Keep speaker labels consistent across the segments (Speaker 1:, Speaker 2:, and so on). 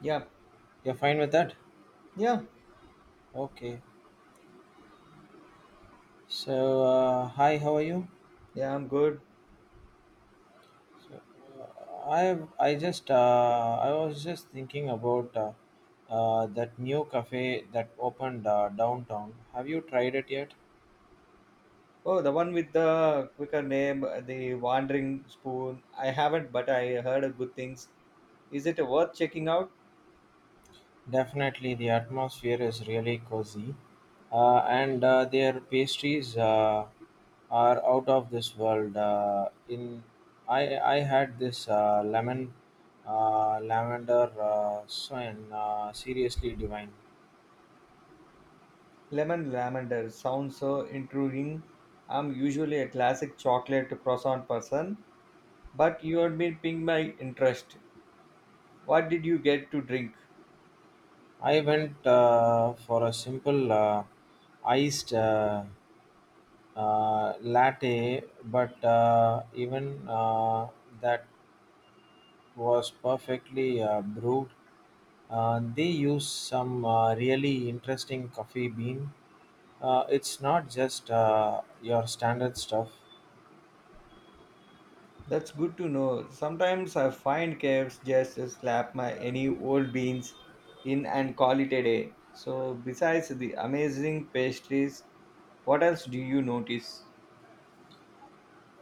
Speaker 1: Yeah,
Speaker 2: You're fine with that?
Speaker 1: yeah,
Speaker 2: Okay. Hi, how are you?
Speaker 1: yeah, I'm good.
Speaker 2: So I just I was just thinking about that new cafe that opened downtown. Have you tried it yet?
Speaker 1: Oh, the one with the quicker name, the Wandering Spoon. I haven't, but I heard of good things. Is it worth checking out?
Speaker 2: Definitely, the atmosphere is really cozy, and their pastries are out of this world. In I I had this lemon lavender soin, seriously divine.
Speaker 1: Lemon Lavender sounds so intriguing. I'm usually a classic chocolate croissant person, but you have been piquing my interest. What did you get to drink?
Speaker 2: I went for a simple iced latte, but even that was perfectly brewed. They use some really interesting coffee bean. It's not just your standard stuff.
Speaker 1: That's good to know. Sometimes I find caves just to slap my any old beans in and call it a day. So besides the amazing pastries, what else do you notice?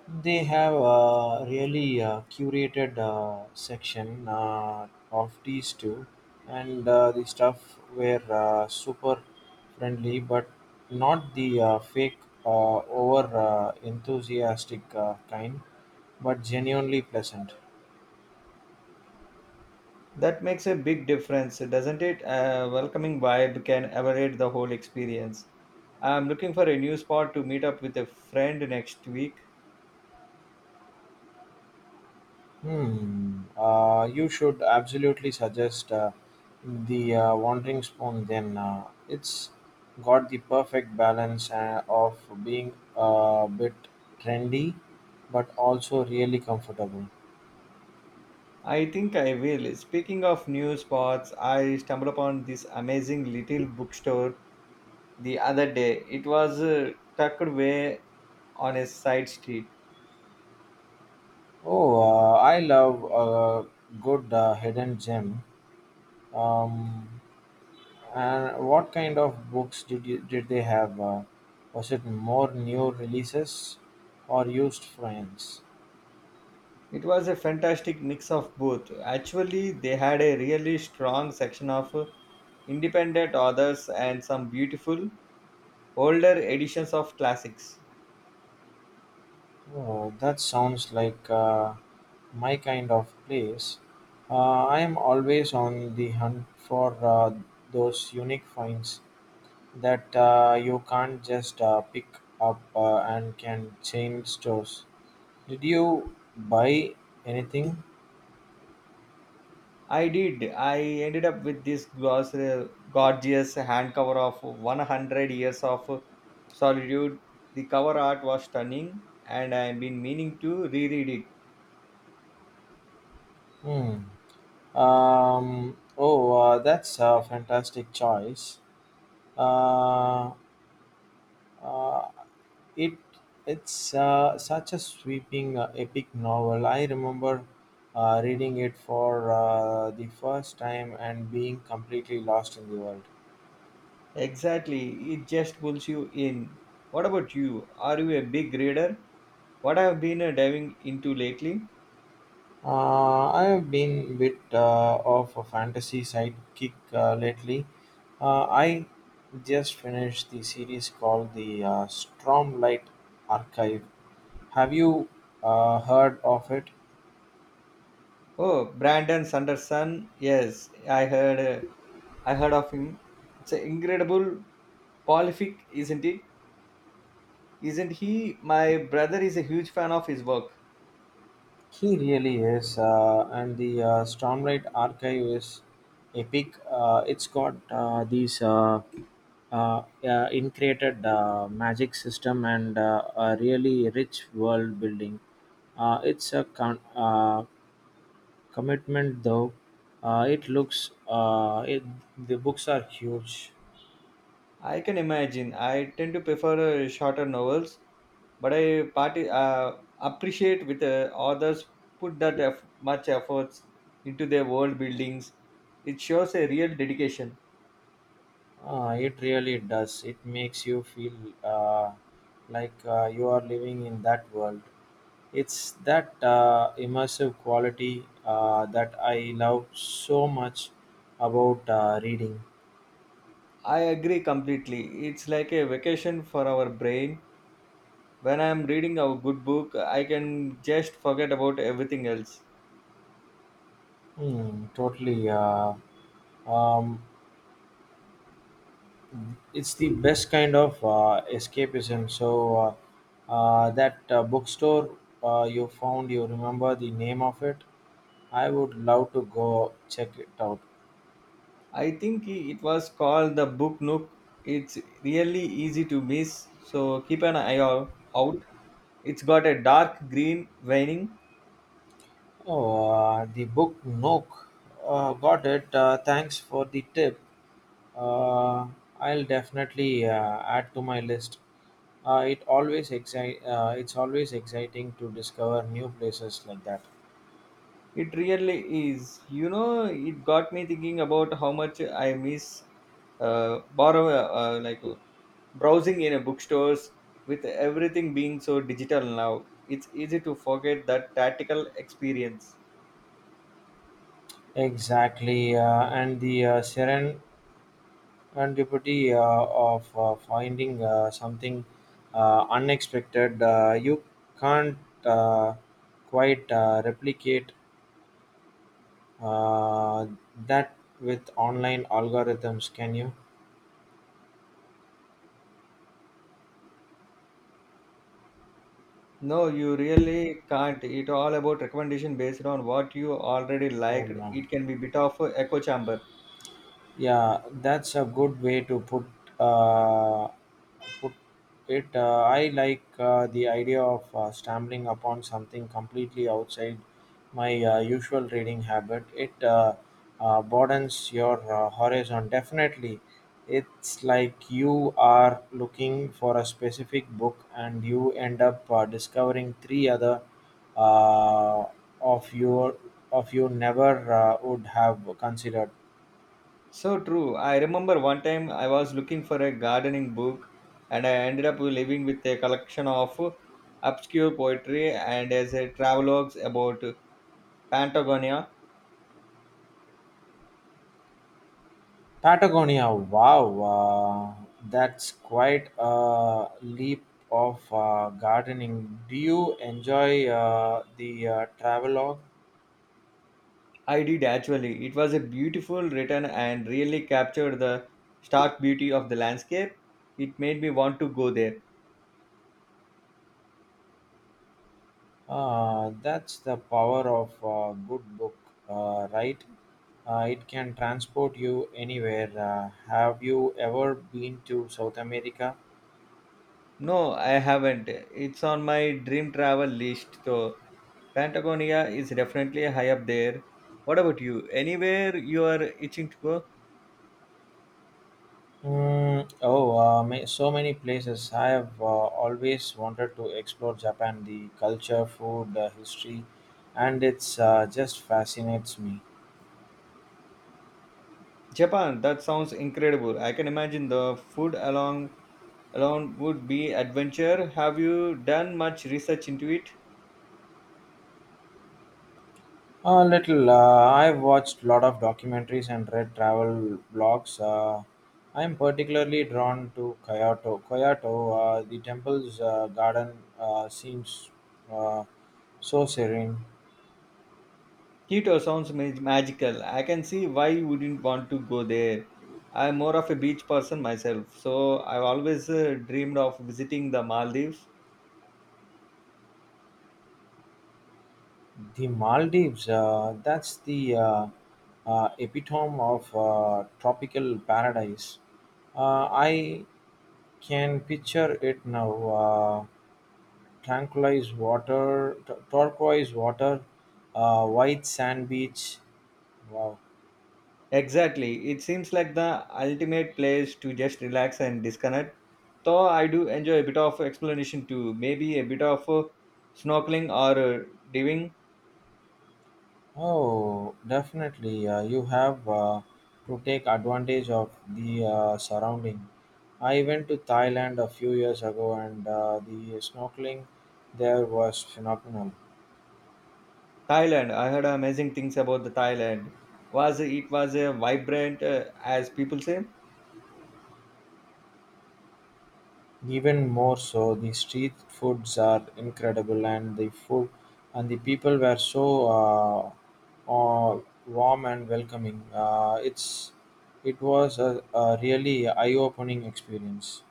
Speaker 2: They have a really curated section of these two, and the stuff were super friendly, but not the fake, over enthusiastic kind, but genuinely pleasant.
Speaker 1: That makes a big difference, doesn't it? A welcoming vibe can elevate the whole experience. I'm looking for a new spot to meet up with a friend next week.
Speaker 2: Hmm. You should absolutely suggest the Wandering Spoon. Then it's got the perfect balance of being a bit trendy, but also really comfortable.
Speaker 1: I think I will. Speaking of new spots, I stumbled upon this amazing little bookstore the other day. It was tucked away on a side street.
Speaker 2: Oh, I love a good hidden gem. Um, and what kind of books did they have? Was it more new releases or used friends?
Speaker 1: It was a fantastic mix of both. Actually, they had a really strong section of independent authors and some beautiful older editions of classics.
Speaker 2: Oh, that sounds like my kind of place. I am always on the hunt for those unique finds that you can't just pick up and can change stores. Did you buy anything?
Speaker 1: I did. I ended up with this gorgeous handcover of 100 Years of Solitude. The cover art was stunning, and I've been meaning to reread it.
Speaker 2: Hmm. Oh, that's a fantastic choice. Uh, uh, It it's such a sweeping, epic novel. I remember reading it for the first time and being completely lost in the world.
Speaker 1: Exactly, it just pulls you in. What about you? Are you a big reader? What I've been diving into lately?
Speaker 2: I have been a bit of a fantasy sidekick lately. I just finished the series called the Stormlight Archive. Have you heard of it?
Speaker 1: Oh, Brandon Sanderson. Yes, I heard. I heard of him. It's an incredible prolific, isn't it? Isn't he? My brother is a huge fan of his work.
Speaker 2: He really is, and the Stormlight Archive is epic. It's got these increated magic system and a really rich world building. It's a commitment, though. Uh, it looks uh, it, the books are huge.
Speaker 1: I can imagine. I tend to prefer shorter novels, but I party, appreciate with authors put that much efforts into their world buildings. It shows a real dedication.
Speaker 2: It really does. It makes you feel uh, like you are living in that world. It's that immersive quality that I love so much about reading.
Speaker 1: I agree completely. It's like a vacation for our brain. When I'm reading a good book, I can just forget about everything else.
Speaker 2: Hmm, totally. Um, it's the best kind of escapism. So, that bookstore you found, you remember the name of it? I would love to go check it out.
Speaker 1: I think it was called the Book Nook. It's really easy to miss, so keep an eye out. It's got a dark green veining.
Speaker 2: Oh, the Book Nook. Got it. Thanks for the tip. Uh, I'll definitely add to my list. It always excite. It's always exciting to discover new places like that.
Speaker 1: It really is. You know, it got me thinking about how much I miss borrow like browsing in a bookstores with everything being so digital now. It's easy to forget that tactical experience.
Speaker 2: Exactly, and the serendipity of finding something unexpected. You can't uh, quite replicate uh, that with online algorithms, can you?
Speaker 1: No, you really can't. It's all about recommendation based on what you already
Speaker 2: Oh
Speaker 1: liked.
Speaker 2: no.
Speaker 1: It can be bit of a echo chamber.
Speaker 2: Yeah, that's a good way to uh, put it. I like the idea of stumbling upon something completely outside my usual reading habit. It broadens your horizon. Definitely, it's like you are looking for a specific book and you end up discovering three other uh, of your of you never would have considered.
Speaker 1: So true. I remember one time I was looking for a gardening book and I ended up living with a collection of obscure poetry and as a travelogues about Patagonia.
Speaker 2: Patagonia, wow, uh, that's quite a leap of gardening. Do you enjoy the travelogue?
Speaker 1: I did actually. It was a beautiful written and really captured the stark beauty of the landscape. It made me want to go there.
Speaker 2: That's the power of a good book, right? It can transport you anywhere. Have you ever been to South America?
Speaker 1: No, I haven't. It's on my dream travel list. So Patagonia is definitely high up there. What about you? Anywhere you are itching to go?
Speaker 2: So many places. I have always wanted to explore Japan, the culture, food, history, and it's just fascinates me.
Speaker 1: Japan, that sounds incredible. I can imagine the food along alone would be adventure. Have you done much research into it?
Speaker 2: A little. I've watched a lot of documentaries and read travel blogs. I'm particularly drawn to Kyoto. Kyoto, the temple's garden seems uh, so serene.
Speaker 1: Kyoto sounds magical. I can see why you wouldn't want to go there. I'm more of a beach person myself, so I've always dreamed of visiting the Maldives.
Speaker 2: The Maldives, that's the epitome of tropical paradise. I can picture it now. Tranquilized water, turquoise water, white sand beach. Wow.
Speaker 1: Exactly. It seems like the ultimate place to just relax and disconnect. Though I do enjoy a bit of exploration too, maybe a bit of snorkeling or diving.
Speaker 2: Oh, definitely. You have to take advantage of the surrounding. I went to Thailand a few years ago, and the snorkeling there was phenomenal.
Speaker 1: Thailand. I heard amazing things about the Thailand. Was it was a vibrant, as people say?
Speaker 2: Even more so, the street foods are incredible, and the food and the people were so uh, warm and welcoming. It was a really eye-opening experience.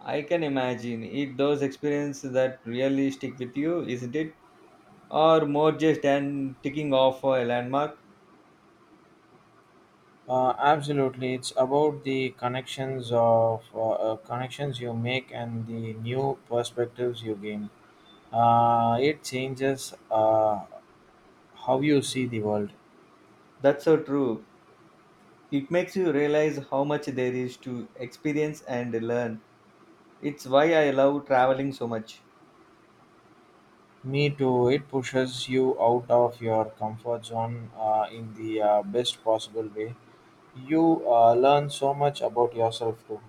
Speaker 1: I can imagine it. Those experiences that really stick with you, isn't it? Or more just an ticking off a landmark.
Speaker 2: Absolutely, it's about the connections you make and the new perspectives you gain. It changes how you see the world.
Speaker 1: That's so true. It makes you realize how much there is to experience and learn. It's why I love traveling so much.
Speaker 2: Me too. It pushes you out of your comfort zone in the best possible way. You learn so much about yourself too.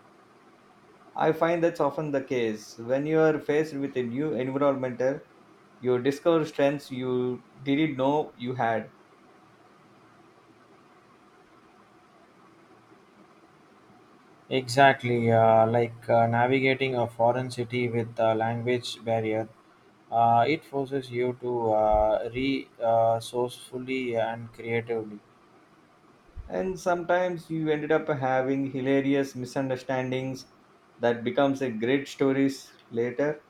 Speaker 1: I find that's often the case. When you are faced with a new environment, you discover strengths you didn't know you had.
Speaker 2: Exactly, like navigating a foreign city with a language barrier, it forces you to re sourcefully and creatively.
Speaker 1: And sometimes you ended up having hilarious misunderstandings that becomes a great stories later.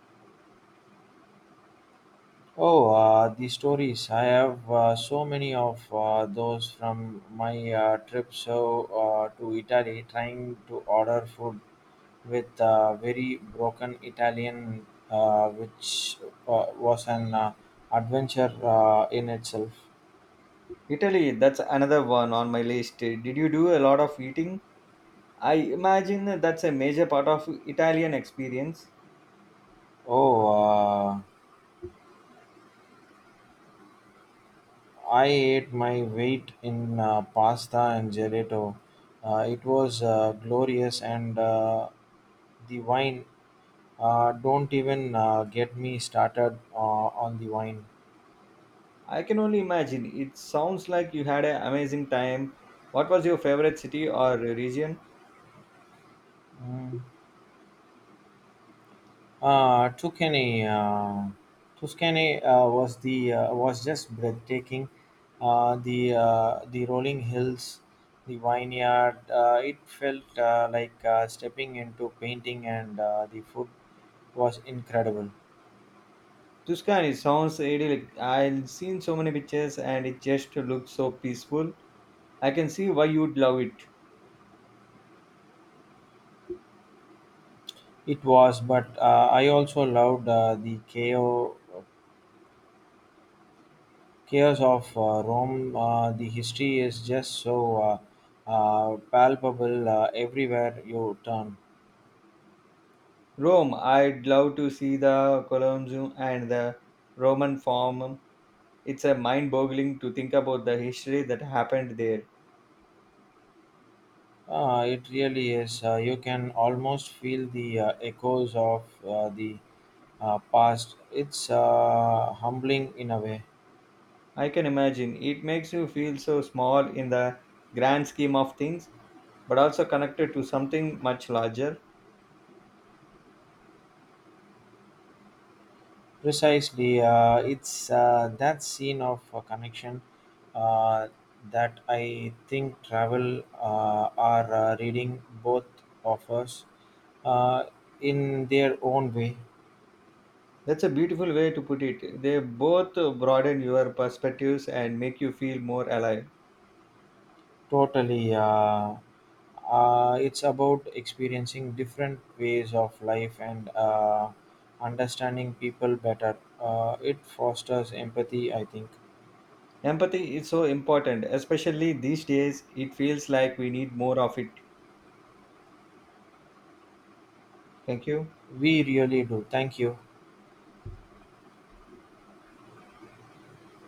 Speaker 2: Oh, the stories! I have so many of those from my trip to Italy, trying to order food with very broken Italian, which was an adventure in itself.
Speaker 1: Italy, that's another one on my list. Did you do a lot of eating? I imagine that's a major part of Italian experience.
Speaker 2: Oh. Uh, I ate my weight in pasta and gelato. It was glorious, and the wine. Don't even get me started on the wine.
Speaker 1: I can only imagine. It sounds like you had an amazing time. What was your favorite city or region?
Speaker 2: Mm. Uh, Tuscany, uh, Tuscany was just breathtaking. The rolling hills, the vineyard. It felt like stepping into painting, and the food was incredible.
Speaker 1: Tuscany sounds idyllic. I've seen so many pictures and it just looks so peaceful. I can see why you'd love it.
Speaker 2: It was, but I also loved chaos of Rome. The history is just so palpable everywhere you turn.
Speaker 1: Rome, I'd love to see the Colosseum and the Roman Forum. It's a mind boggling to think about the history that happened there.
Speaker 2: It really is. You can almost feel the echoes of the past. It's humbling in a way.
Speaker 1: I can imagine. It makes you feel so small in the grand scheme of things, but also connected to something much larger.
Speaker 2: Precisely, it's that scene of connection uh, that I think travel are reading both of us uh, in their own way.
Speaker 1: That's a beautiful way to put it. They both broaden your perspectives and make you feel more alive.
Speaker 2: Totally, it's about experiencing different ways of life and understanding people better. It fosters empathy, I think.
Speaker 1: Empathy is so important, especially these days. It feels like we need more of it. Thank you.
Speaker 2: We really do. Thank you.